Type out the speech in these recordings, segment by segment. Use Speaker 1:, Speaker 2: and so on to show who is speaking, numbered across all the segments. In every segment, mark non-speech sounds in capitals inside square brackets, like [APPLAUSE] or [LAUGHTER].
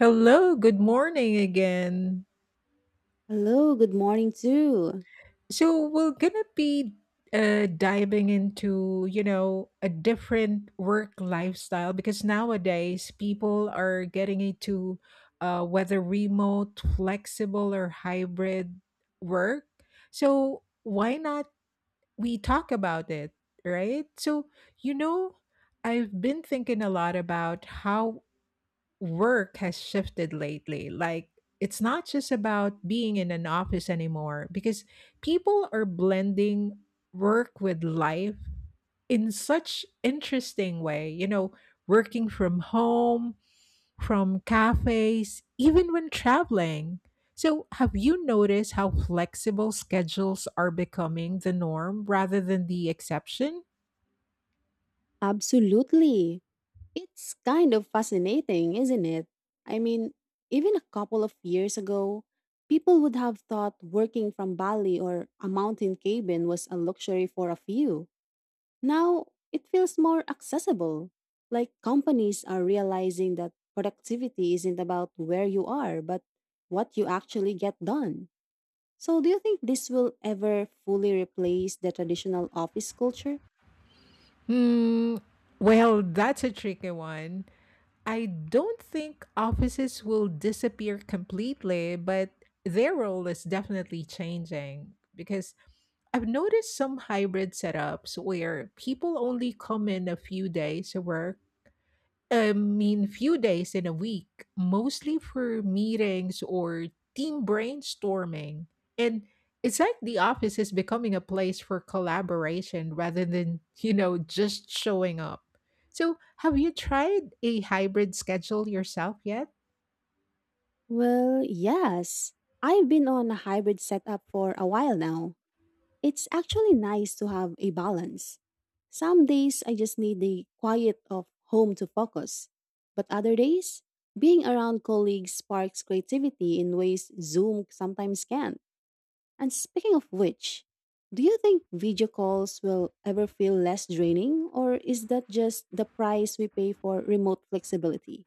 Speaker 1: Hello, good morning again.
Speaker 2: Hello, good morning too.
Speaker 1: So we're gonna be diving into a different work lifestyle because nowadays people are getting into whether remote, flexible, or hybrid work. So why not we talk about it, right? You know, I've been thinking a lot about how work has shifted lately. Like, it's not just about being in an office anymore because people are blending work with life in such interesting way. You know, working from home, from cafes, even when traveling. So, have you noticed how flexible schedules are becoming the norm rather than the exception?
Speaker 2: Absolutely. It's kind of fascinating, isn't it? I mean, even a couple of years ago, people would have thought working from Bali or a mountain cabin was a luxury for a few. Now, it feels more accessible. Like companies are realizing that productivity isn't about where you are, but what you actually get done. So, do you think this will ever fully replace the traditional office culture?
Speaker 1: Hmm. Well, that's a tricky one. I don't think offices will disappear completely, but their role is definitely changing because I've noticed some hybrid setups where people only come in a few days to work I mean, few days in a week, mostly for meetings or team brainstorming. And it's like the office is becoming a place for collaboration rather than, just showing up. So, have you tried a hybrid schedule yourself yet?
Speaker 2: Well, yes. I've been on a hybrid setup for a while now. It's actually nice to have a balance. Some days I just need the quiet of home to focus, but other days, being around colleagues sparks creativity in ways Zoom sometimes can. And speaking of which, do you think video calls will ever feel less draining, or is that just the price we pay for remote flexibility?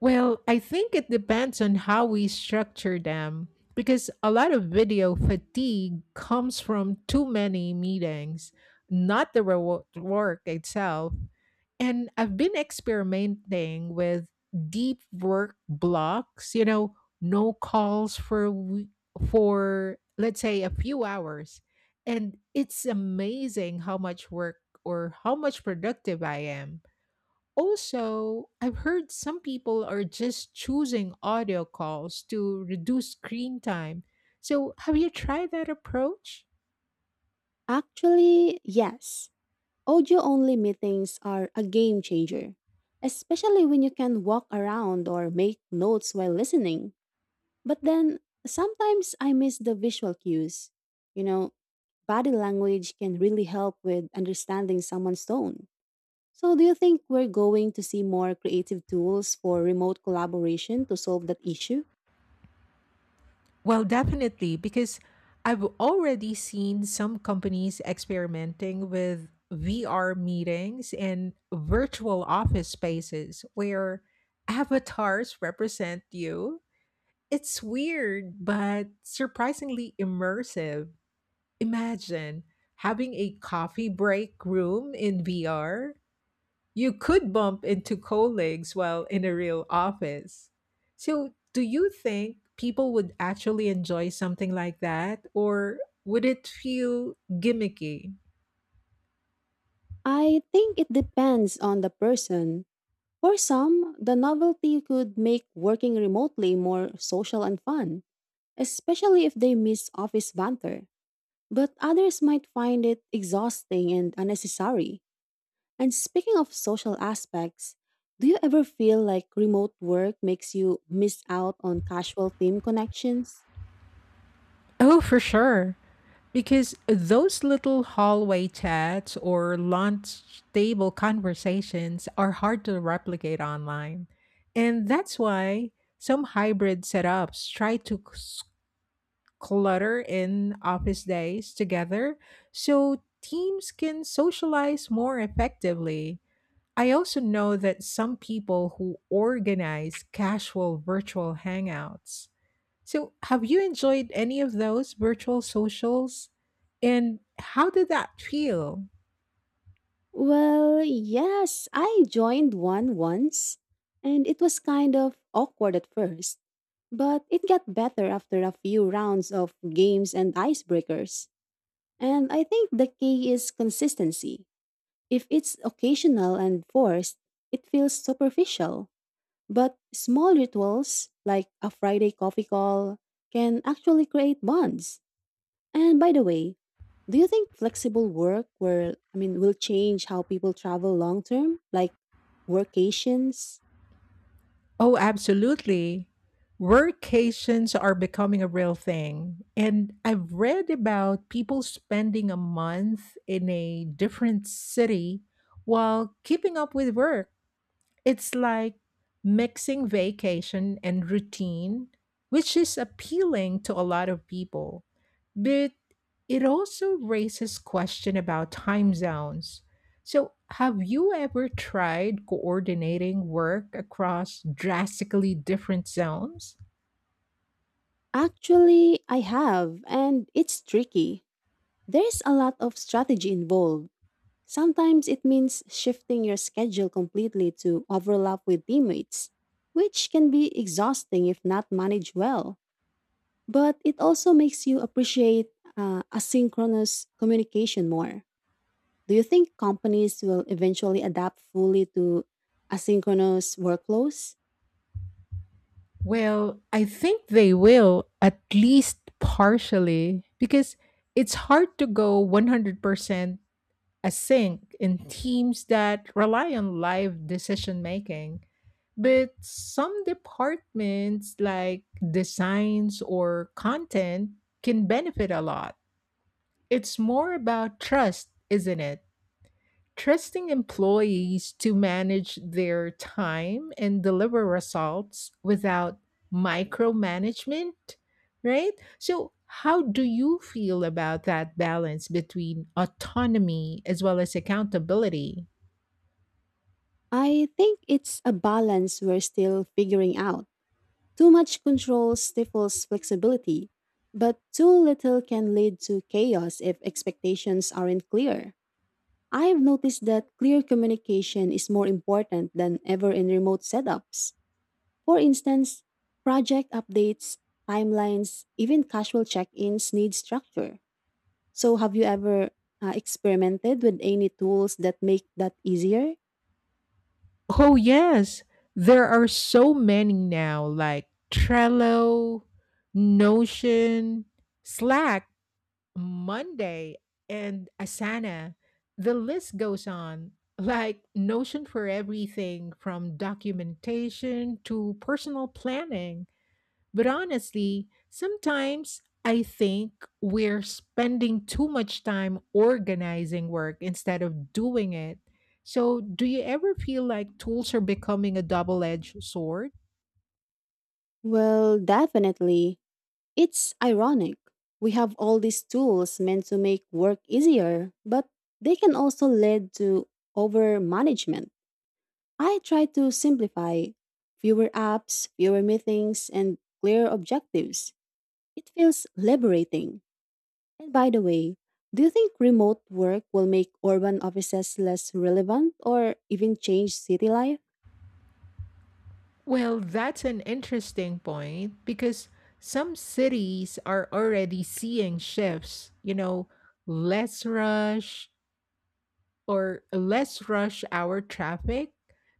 Speaker 1: Well, I think it depends on how we structure them because a lot of video fatigue comes from too many meetings, not the work itself. And I've been experimenting with deep work blocks, you know, no calls for for let's say a few hours. And it's amazing how much work or how much productive I am. Also, I've heard some people are just choosing audio calls to reduce screen time. So, have you tried that approach?
Speaker 2: Actually, yes. Audio only meetings are a game changer, especially when you can walk around or make notes while listening. But then sometimes I miss the visual cues. You know, body language can really help with understanding someone's tone. So, do you think we're going to see more creative tools for remote collaboration to solve that issue?
Speaker 1: Well, definitely, because I've already seen some companies experimenting with VR meetings and virtual office spaces where avatars represent you. It's weird, but surprisingly immersive. Imagine having a coffee break room in VR you could bump into colleagues while in a real office. So, do you think people would actually enjoy something like that, or would it feel gimmicky?
Speaker 2: I think it depends on the person. For some, the novelty could make working remotely more social and fun, especially if they miss office banter. But others might find it exhausting and unnecessary. And speaking of social aspects, do you ever feel like remote work makes you miss out on casual team connections?
Speaker 1: Oh, for sure. Because those little hallway chats or lunch table conversations are hard to replicate online. And that's why some hybrid setups try to clutter in office days together so teams can socialize more effectively. I also know that some people who organize casual virtual hangouts. So, have you enjoyed any of those virtual socials? And how did that feel?
Speaker 2: Well, yes, I joined one once, and it was kind of awkward at first, but it got better after a few rounds of games and icebreakers. And I think the key is consistency. If it's occasional and forced, it feels superficial. But small rituals, like a Friday coffee call, can actually create bonds. And by the way, do you think flexible work will I mean will change how people travel long term? Like workations?
Speaker 1: Oh, absolutely. Workations are becoming a real thing. And I've read about people spending a month in a different city while keeping up with work. It's like mixing vacation and routine, which is appealing to a lot of people. But it also raises question about time zones. So, have you ever tried coordinating work across drastically different zones?
Speaker 2: Actually, I have, and it's tricky. There's a lot of strategy involved. Sometimes it means shifting your schedule completely to overlap with teammates, which can be exhausting if not managed well. But it also makes you appreciate asynchronous communication more. Do you think companies will eventually adapt fully to asynchronous workflows?
Speaker 1: Well, I think they will at least partially because it's hard to go 100% a sink in teams that rely on live decision making. But some departments, like designs or content, can benefit a lot. It's more about trust, isn't it? Trusting employees to manage their time and deliver results without micromanagement, right? So, how do you feel about that balance between autonomy as well as accountability?
Speaker 2: I think it's a balance we're still figuring out. Too much control stifles flexibility, but too little can lead to chaos if expectations aren't clear. I have noticed that clear communication is more important than ever in remote setups. For instance, project updates, timelines, even casual check-ins need structure. So, have you ever experimented with any tools that make that easier?
Speaker 1: Oh yes, there are so many now like Trello, Notion, Slack, Monday, and Asana. The list goes on. Like Notion for everything from documentation to personal planning. But honestly, sometimes I think we're spending too much time organizing work instead of doing it. So, do you ever feel like tools are becoming a double edged sword?
Speaker 2: Well, definitely. It's ironic. We have all these tools meant to make work easier, but they can also lead to over management. I try to simplify fewer apps, fewer meetings, and clear objectives. It feels liberating. And by the way, do you think remote work will make urban offices less relevant or even change city life?
Speaker 1: Well, that's an interesting point because some cities are already seeing shifts, you know, less rush, or less rush hour traffic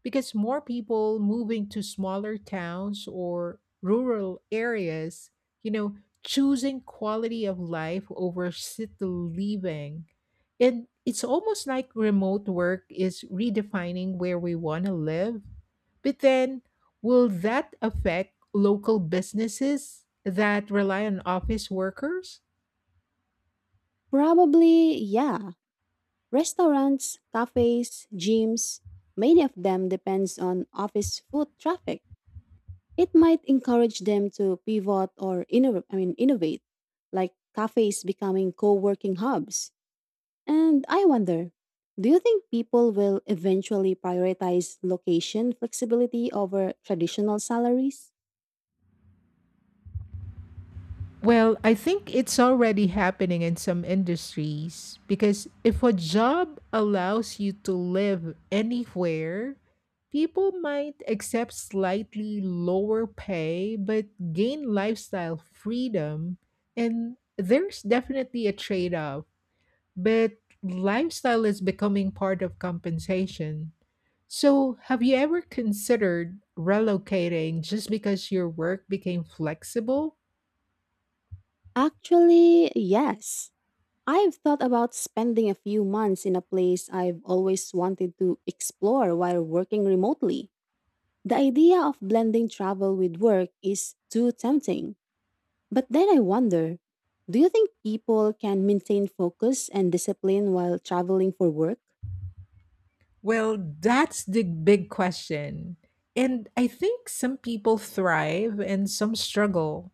Speaker 1: because more people moving to smaller towns or rural areas, you know, choosing quality of life over city living. And it's almost like remote work is redefining where we want to live. But then, will that affect local businesses that rely on office workers?
Speaker 2: Probably, yeah. Restaurants, cafes, gyms, many of them depends on office foot traffic. It might encourage them to pivot or innovate, I mean innovate, like cafes becoming co-working hubs. And I wonder, do you think people will eventually prioritize location flexibility over traditional salaries?
Speaker 1: Well, I think it's already happening in some industries because if a job allows you to live anywhere, people might accept slightly lower pay but gain lifestyle freedom. And there's definitely a trade off, but lifestyle is becoming part of compensation. So, have you ever considered relocating just because your work became flexible?
Speaker 2: Actually, yes. I've thought about spending a few months in a place I've always wanted to explore while working remotely. The idea of blending travel with work is too tempting. But then I wonder, do you think people can maintain focus and discipline while traveling for work?
Speaker 1: Well, that's the big question. And I think some people thrive and some struggle.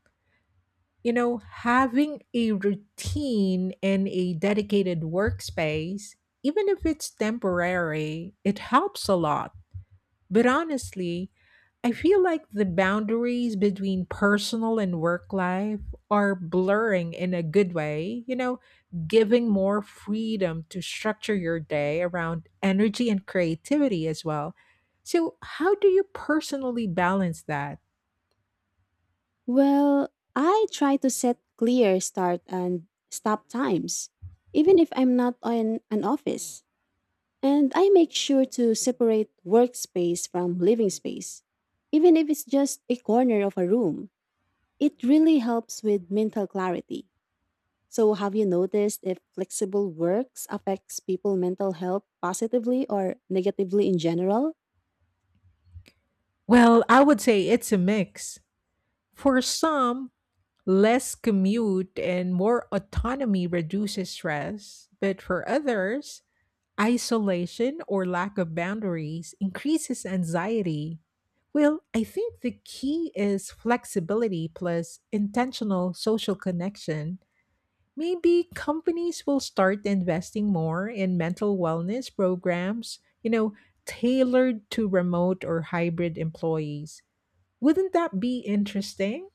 Speaker 1: You know, having a routine and a dedicated workspace, even if it's temporary, it helps a lot. But honestly, I feel like the boundaries between personal and work life are blurring in a good way, you know, giving more freedom to structure your day around energy and creativity as well. So, how do you personally balance that?
Speaker 2: Well, I try to set clear start and stop times, even if I'm not in an office. And I make sure to separate workspace from living space. Even if it's just a corner of a room, it really helps with mental clarity. So, have you noticed if flexible works affects people mental health positively or negatively in general?
Speaker 1: Well, I would say it's a mix. For some, less commute and more autonomy reduces stress, but for others, isolation or lack of boundaries increases anxiety. Well, I think the key is flexibility plus intentional social connection. Maybe companies will start investing more in mental wellness programs, you know, tailored to remote or hybrid employees. Wouldn't that be interesting?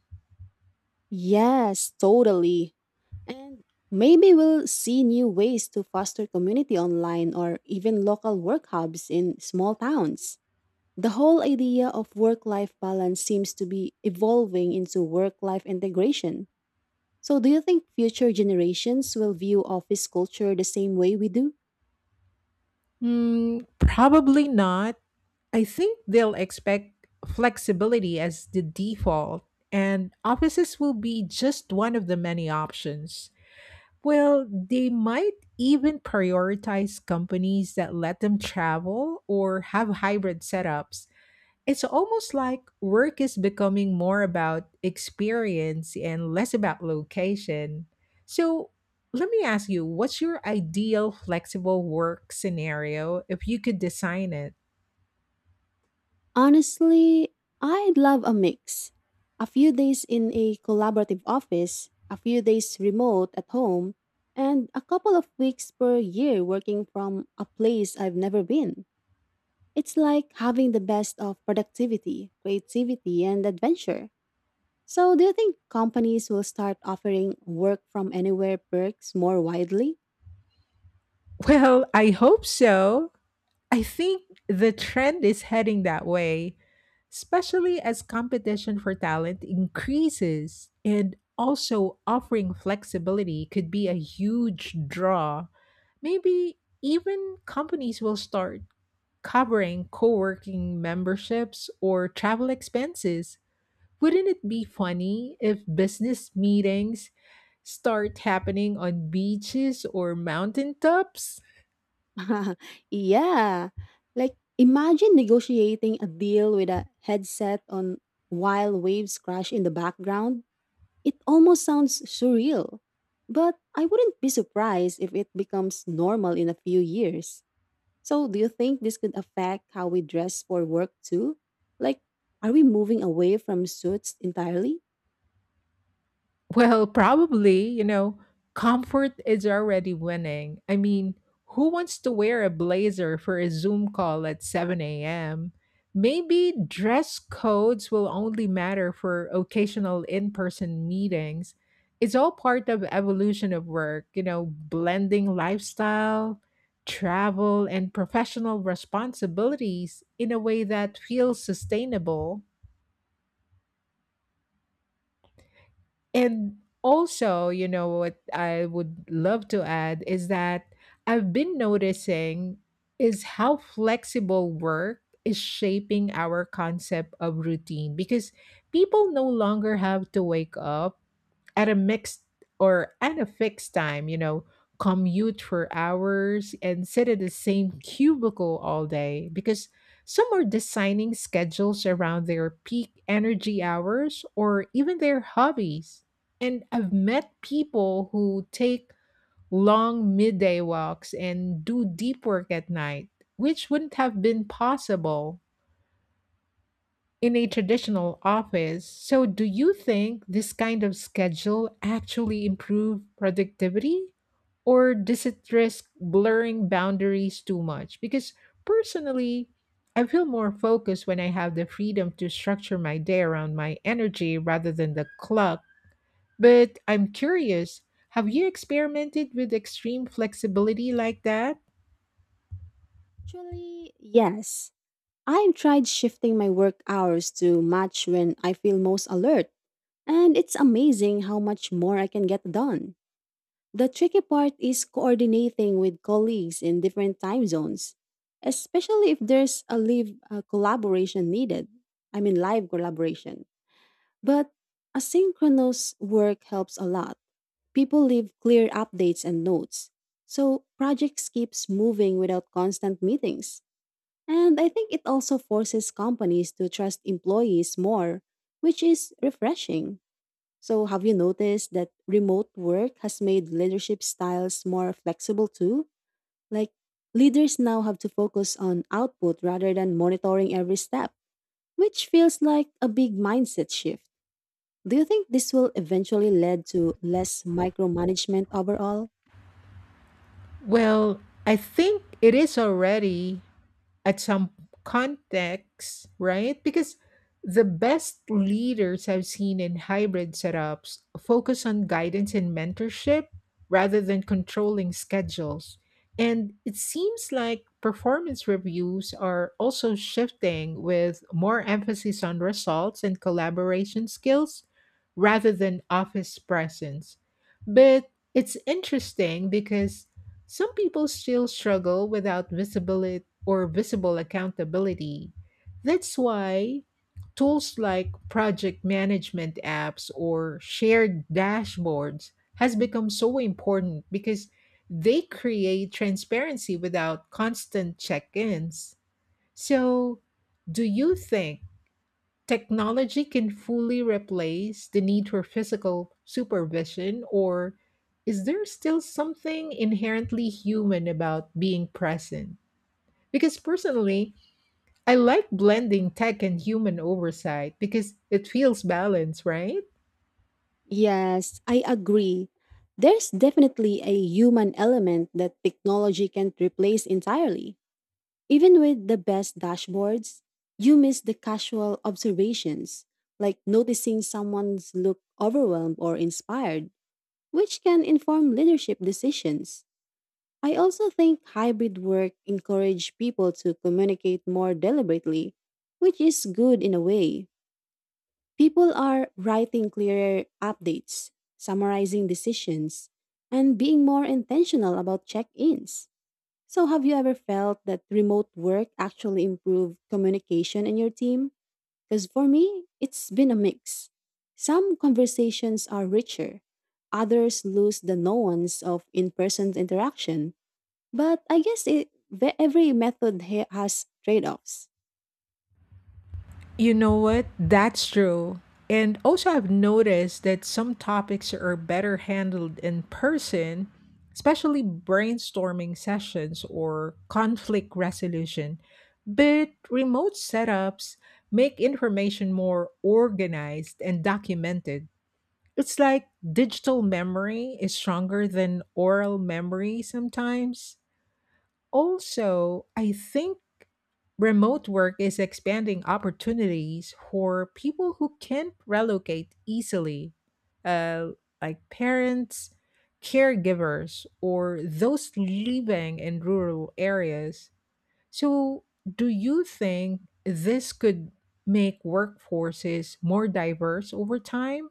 Speaker 2: Yes, totally. And maybe we'll see new ways to foster community online or even local work hubs in small towns. The whole idea of work life balance seems to be evolving into work life integration. So, do you think future generations will view office culture the same way we do?
Speaker 1: Mm, probably not. I think they'll expect flexibility as the default, and offices will be just one of the many options. Well, they might even prioritize companies that let them travel or have hybrid setups. It's almost like work is becoming more about experience and less about location. So, let me ask you, what's your ideal flexible work scenario if you could design it?
Speaker 2: Honestly, I'd love a mix. A few days in a collaborative office, a few days remote at home, and a couple of weeks per year working from a place I've never been. It's like having the best of productivity, creativity, and adventure. So, do you think companies will start offering work from anywhere perks more widely?
Speaker 1: Well, I hope so. I think the trend is heading that way, especially as competition for talent increases and also offering flexibility could be a huge draw. Maybe even companies will start covering co-working memberships or travel expenses. Wouldn't it be funny if business meetings start happening on beaches or mountaintops?
Speaker 2: [LAUGHS] yeah. Like, imagine negotiating a deal with a headset on while waves crash in the background. It almost sounds surreal. But I wouldn't be surprised if it becomes normal in a few years. So, do you think this could affect how we dress for work too? Like, are we moving away from suits entirely?
Speaker 1: Well, probably, you know, comfort is already winning. I mean, who wants to wear a blazer for a Zoom call at 7 a.m.? Maybe dress codes will only matter for occasional in person meetings. It's all part of evolution of work, you know, blending lifestyle, travel, and professional responsibilities in a way that feels sustainable. And also, you know, what I would love to add is that I've been noticing is how flexible work is shaping our concept of routine because people no longer have to wake up at a mixed or at a fixed time, you know, commute for hours and sit at the same cubicle all day because some are designing schedules around their peak energy hours or even their hobbies. And I've met people who take long midday walks and do deep work at night, which wouldn't have been possible in a traditional office. So, do you think this kind of schedule actually improve productivity or does it risk blurring boundaries too much? Because personally, I feel more focused when I have the freedom to structure my day around my energy rather than the clock. But I'm curious, have you experimented with extreme flexibility like that?
Speaker 2: Actually, yes. I've tried shifting my work hours to match when I feel most alert, and it's amazing how much more I can get done. The tricky part is coordinating with colleagues in different time zones, especially if there's a live collaboration needed. Live collaboration. But asynchronous work helps a lot. People leave clear updates and notes, so projects keeps moving without constant meetings. And I think it also forces companies to trust employees more, which is refreshing. So, have you noticed that remote work has made leadership styles more flexible too? Like, leaders now have to focus on output rather than monitoring every step, which feels like a big mindset shift. Do you think this will eventually lead to less micromanagement overall?
Speaker 1: Well, I think it is already at some context, right? Because the best leaders I've seen in hybrid setups focus on guidance and mentorship rather than controlling schedules. And it seems like performance reviews are also shifting with more emphasis on results and collaboration skills rather than office presence. But it's interesting because some people still struggle without visible or visible accountability. That's why tools like project management apps or shared dashboards has become so important because they create transparency without constant check-ins. So, do you think technology can fully replace the need for physical supervision or is there still something inherently human about being present? Because personally, I like blending tech and human oversight because it feels balanced, right?
Speaker 2: Yes, I agree. There's definitely a human element that technology can't replace entirely. Even with the best dashboards, you miss the casual observations, like noticing someone's look overwhelmed or inspired, which can inform leadership decisions. I also think hybrid work encourage people to communicate more deliberately, which is good in a way. People are writing clearer updates, summarizing decisions, and being more intentional about check ins. So, have you ever felt that remote work actually improved communication in your team? Because for me, it's been a mix. Some conversations are richer, others lose the nuance of in person interaction. But I guess it, every method has trade offs.
Speaker 1: You know what? That's true. And also, I've noticed that some topics are better handled in person, especially brainstorming sessions or conflict resolution. But remote setups make information more organized and documented. It's like digital memory is stronger than oral memory sometimes. Also, I think remote work is expanding opportunities for people who can't relocate easily, uh, like parents, caregivers, or those living in rural areas. So, do you think this could make workforces more diverse over time?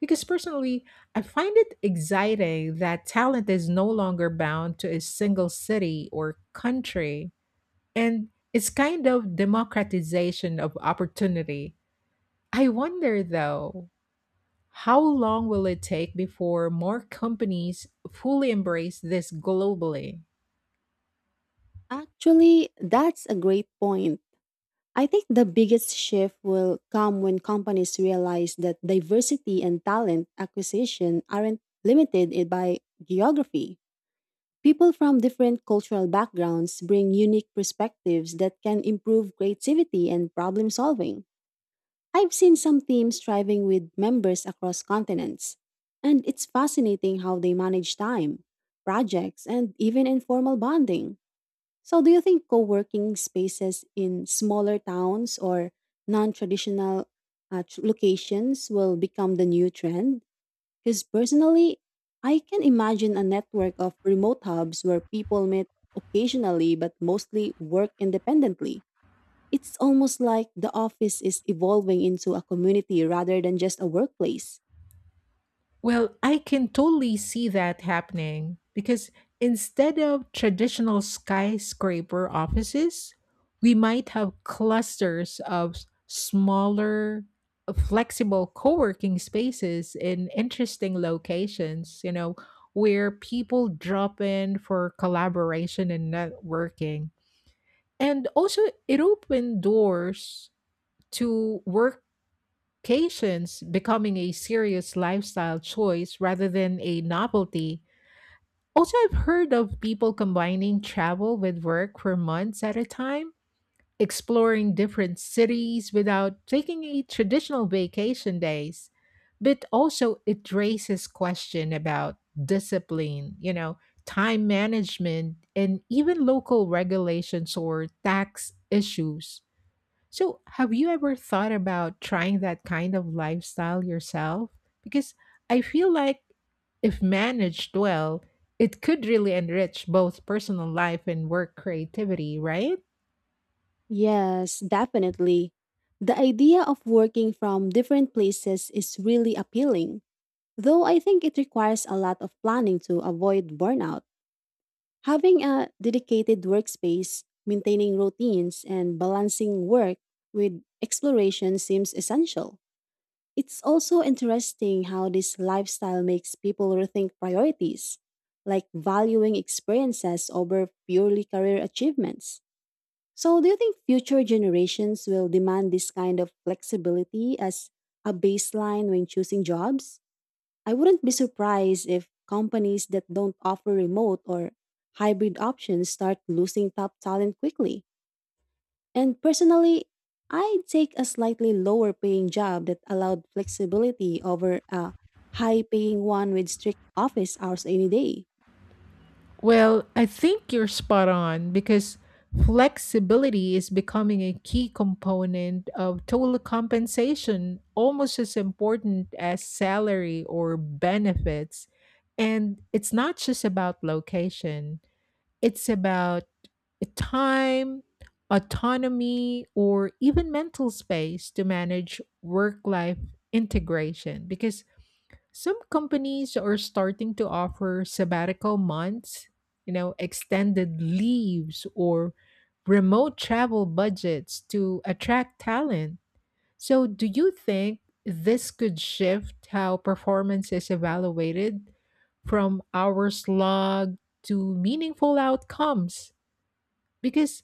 Speaker 1: Because personally, I find it exciting that talent is no longer bound to a single city or country. And it's kind of democratization of opportunity. I wonder though, how long will it take before more companies fully embrace this globally?
Speaker 2: Actually, that's a great point. I think the biggest shift will come when companies realize that diversity and talent acquisition aren't limited by geography. People from different cultural backgrounds bring unique perspectives that can improve creativity and problem solving. I've seen some teams thriving with members across continents, and it's fascinating how they manage time, projects, and even informal bonding. So, do you think co working spaces in smaller towns or non traditional locations will become the new trend? Because personally, I can imagine a network of remote hubs where people meet occasionally but mostly work independently. It's almost like the office is evolving into a community rather than just a workplace.
Speaker 1: Well, I can totally see that happening because instead of traditional skyscraper offices, we might have clusters of smaller, flexible co working spaces in interesting locations, you know, where people drop in for collaboration and networking. And also, it opened doors to work patience becoming a serious lifestyle choice rather than a novelty. Also, I've heard of people combining travel with work for months at a time, exploring different cities without taking a traditional vacation days. But also, it raises question about discipline, you know, time management, and even local regulations or tax issues so, have you ever thought about trying that kind of lifestyle yourself? Because I feel like if managed well, it could really enrich both personal life and work creativity, right?
Speaker 2: Yes, definitely. The idea of working from different places is really appealing. Though I think it requires a lot of planning to avoid burnout, having a dedicated workspace, maintaining routines, and balancing work with exploration seems essential. It's also interesting how this lifestyle makes people rethink priorities, like valuing experiences over purely career achievements. So, do you think future generations will demand this kind of flexibility as a baseline when choosing jobs? I wouldn't be surprised if companies that don't offer remote or hybrid options start losing top talent quickly. And personally, I'd take a slightly lower paying job that allowed flexibility over a high paying one with strict office hours any day.
Speaker 1: Well, I think you're spot on because flexibility is becoming a key component of total compensation, almost as important as salary or benefits. And it's not just about location. It's about time, autonomy, or even mental space to manage work life integration because some companies are starting to offer sabbatical months, you know, extended leaves, or remote travel budgets to attract talent. So, do you think this could shift how performance is evaluated from hours logged to meaningful outcomes? Because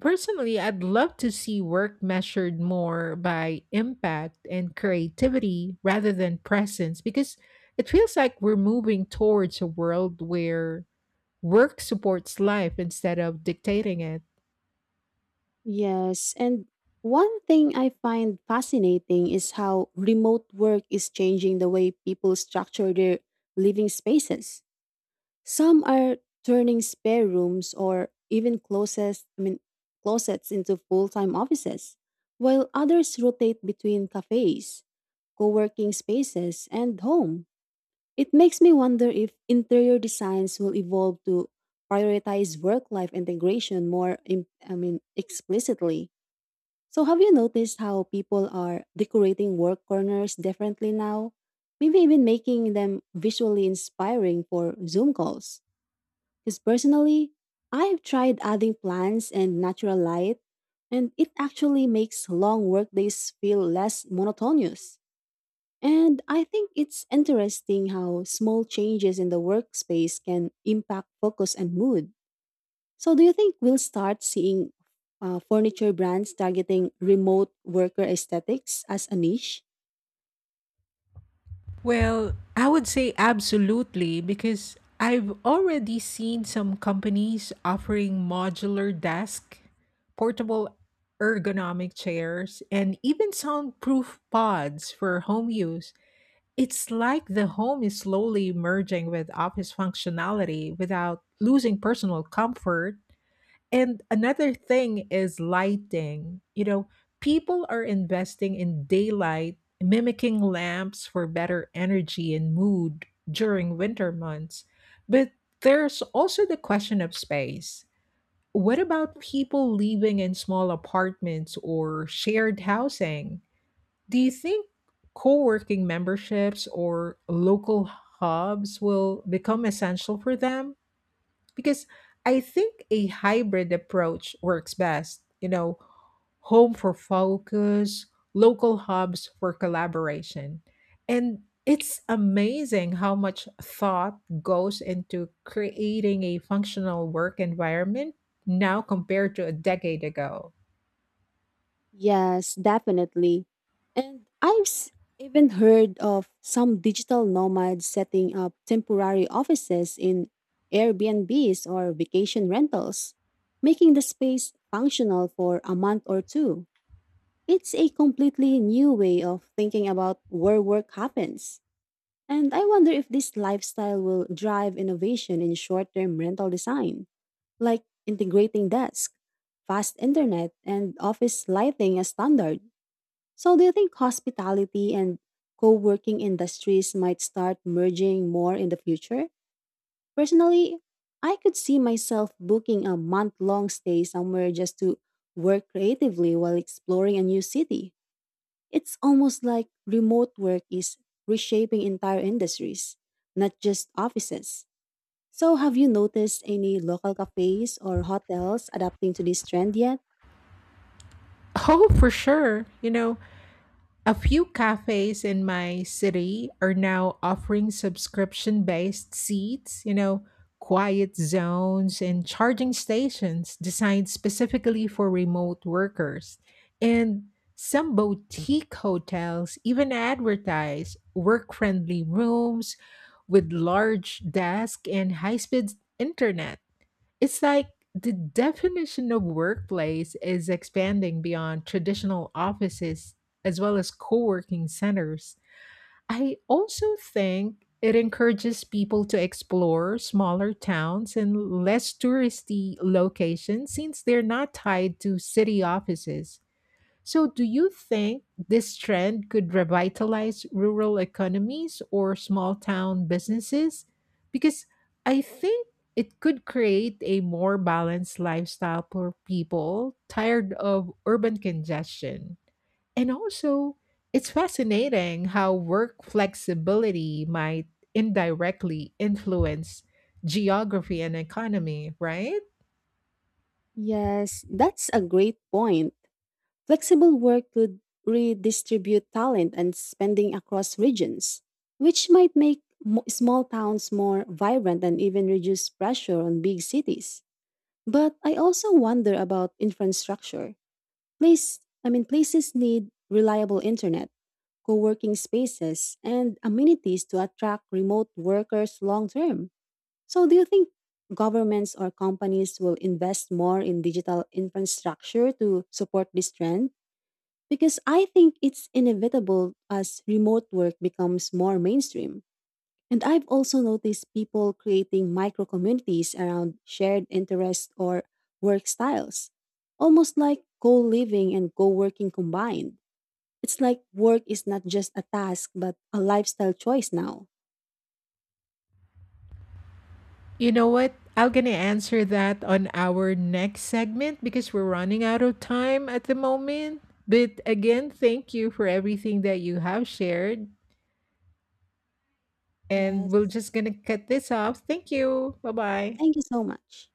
Speaker 1: personally, I'd love to see work measured more by impact and creativity rather than presence, because it feels like we're moving towards a world where work supports life instead of dictating it.
Speaker 2: Yes, and one thing I find fascinating is how remote work is changing the way people structure their living spaces. Some are turning spare rooms or even closets into full-time offices, while others rotate between cafes, co-working spaces, and home. It makes me wonder if interior designs will evolve to prioritize work-life integration more, explicitly. So have you noticed how people are decorating work corners differently now? Maybe even making them visually inspiring for Zoom calls. Because personally, I have tried adding plants and natural light, and it actually makes long workdays feel less monotonous. And I think it's interesting how small changes in the workspace can impact focus and mood. So, do you think we'll start seeing furniture brands targeting remote worker aesthetics as a niche?
Speaker 1: Well, I would say absolutely because I've already seen some companies offering modular desk, portable ergonomic chairs, and even soundproof pods for home use. It's like the home is slowly merging with office functionality without losing personal comfort. And another thing is lighting. You know, people are investing in daylight, mimicking lamps for better energy and mood during winter months. But there's also the question of space. What about people living in small apartments or shared housing? Do you think co working memberships or local hubs will become essential for them? Because I think a hybrid approach works best. You know, home for focus, local hubs for collaboration. And it's amazing how much thought goes into creating a functional work environment now compared to a decade ago.
Speaker 2: Yes, definitely. And even heard of some digital nomads setting up temporary offices in Airbnbs or vacation rentals, making the space functional for a month or two. It's a completely new way of thinking about where work happens. And I wonder if this lifestyle will drive innovation in short term rental design, like integrating desk, fast internet, and office lighting as standard. So, do you think hospitality and co working industries might start merging more in the future? Personally, I could see myself booking a month long stay somewhere just to work creatively while exploring a new city. It's almost like remote work is reshaping entire industries, not just offices. So, have you noticed any local cafes or hotels adapting to this trend yet?
Speaker 1: [LAUGHS] Oh, for sure. You know, a few cafes in my city are now offering subscription based seats, you know, quiet zones and charging stations designed specifically for remote workers. And some boutique hotels even advertise work friendly rooms with large desk and high speed internet. It's like the definition of workplace is expanding beyond traditional offices as well as co working centers. I also think it encourages people to explore smaller towns and less touristy locations since they're not tied to city offices. So, do you think this trend could revitalize rural economies or small town businesses? Because I think it could create a more balanced lifestyle for people tired of urban congestion. And also, it's fascinating how work flexibility might indirectly influence geography and economy, right?
Speaker 2: Yes, that's a great point. Flexible work could redistribute talent and spending across regions, which might make small towns more vibrant and even reduce pressure on big cities. But I also wonder about infrastructure. Places need reliable internet, co-working spaces, and amenities to attract remote workers long term. So, do you think governments or companies will invest more in digital infrastructure to support this trend? Because I think it's inevitable as remote work becomes more mainstream. And I've also noticed people creating micro communities around shared interests or work styles, almost like co living and co working combined. It's like work is not just a task, but a lifestyle choice now.
Speaker 1: You know what? I'm gonna answer that on our next segment because we're running out of time at the moment. But again, thank you for everything that you have shared. And we're
Speaker 2: Yes.
Speaker 1: just gonna cut this off. Thank you. Bye bye.
Speaker 2: Thank you so much.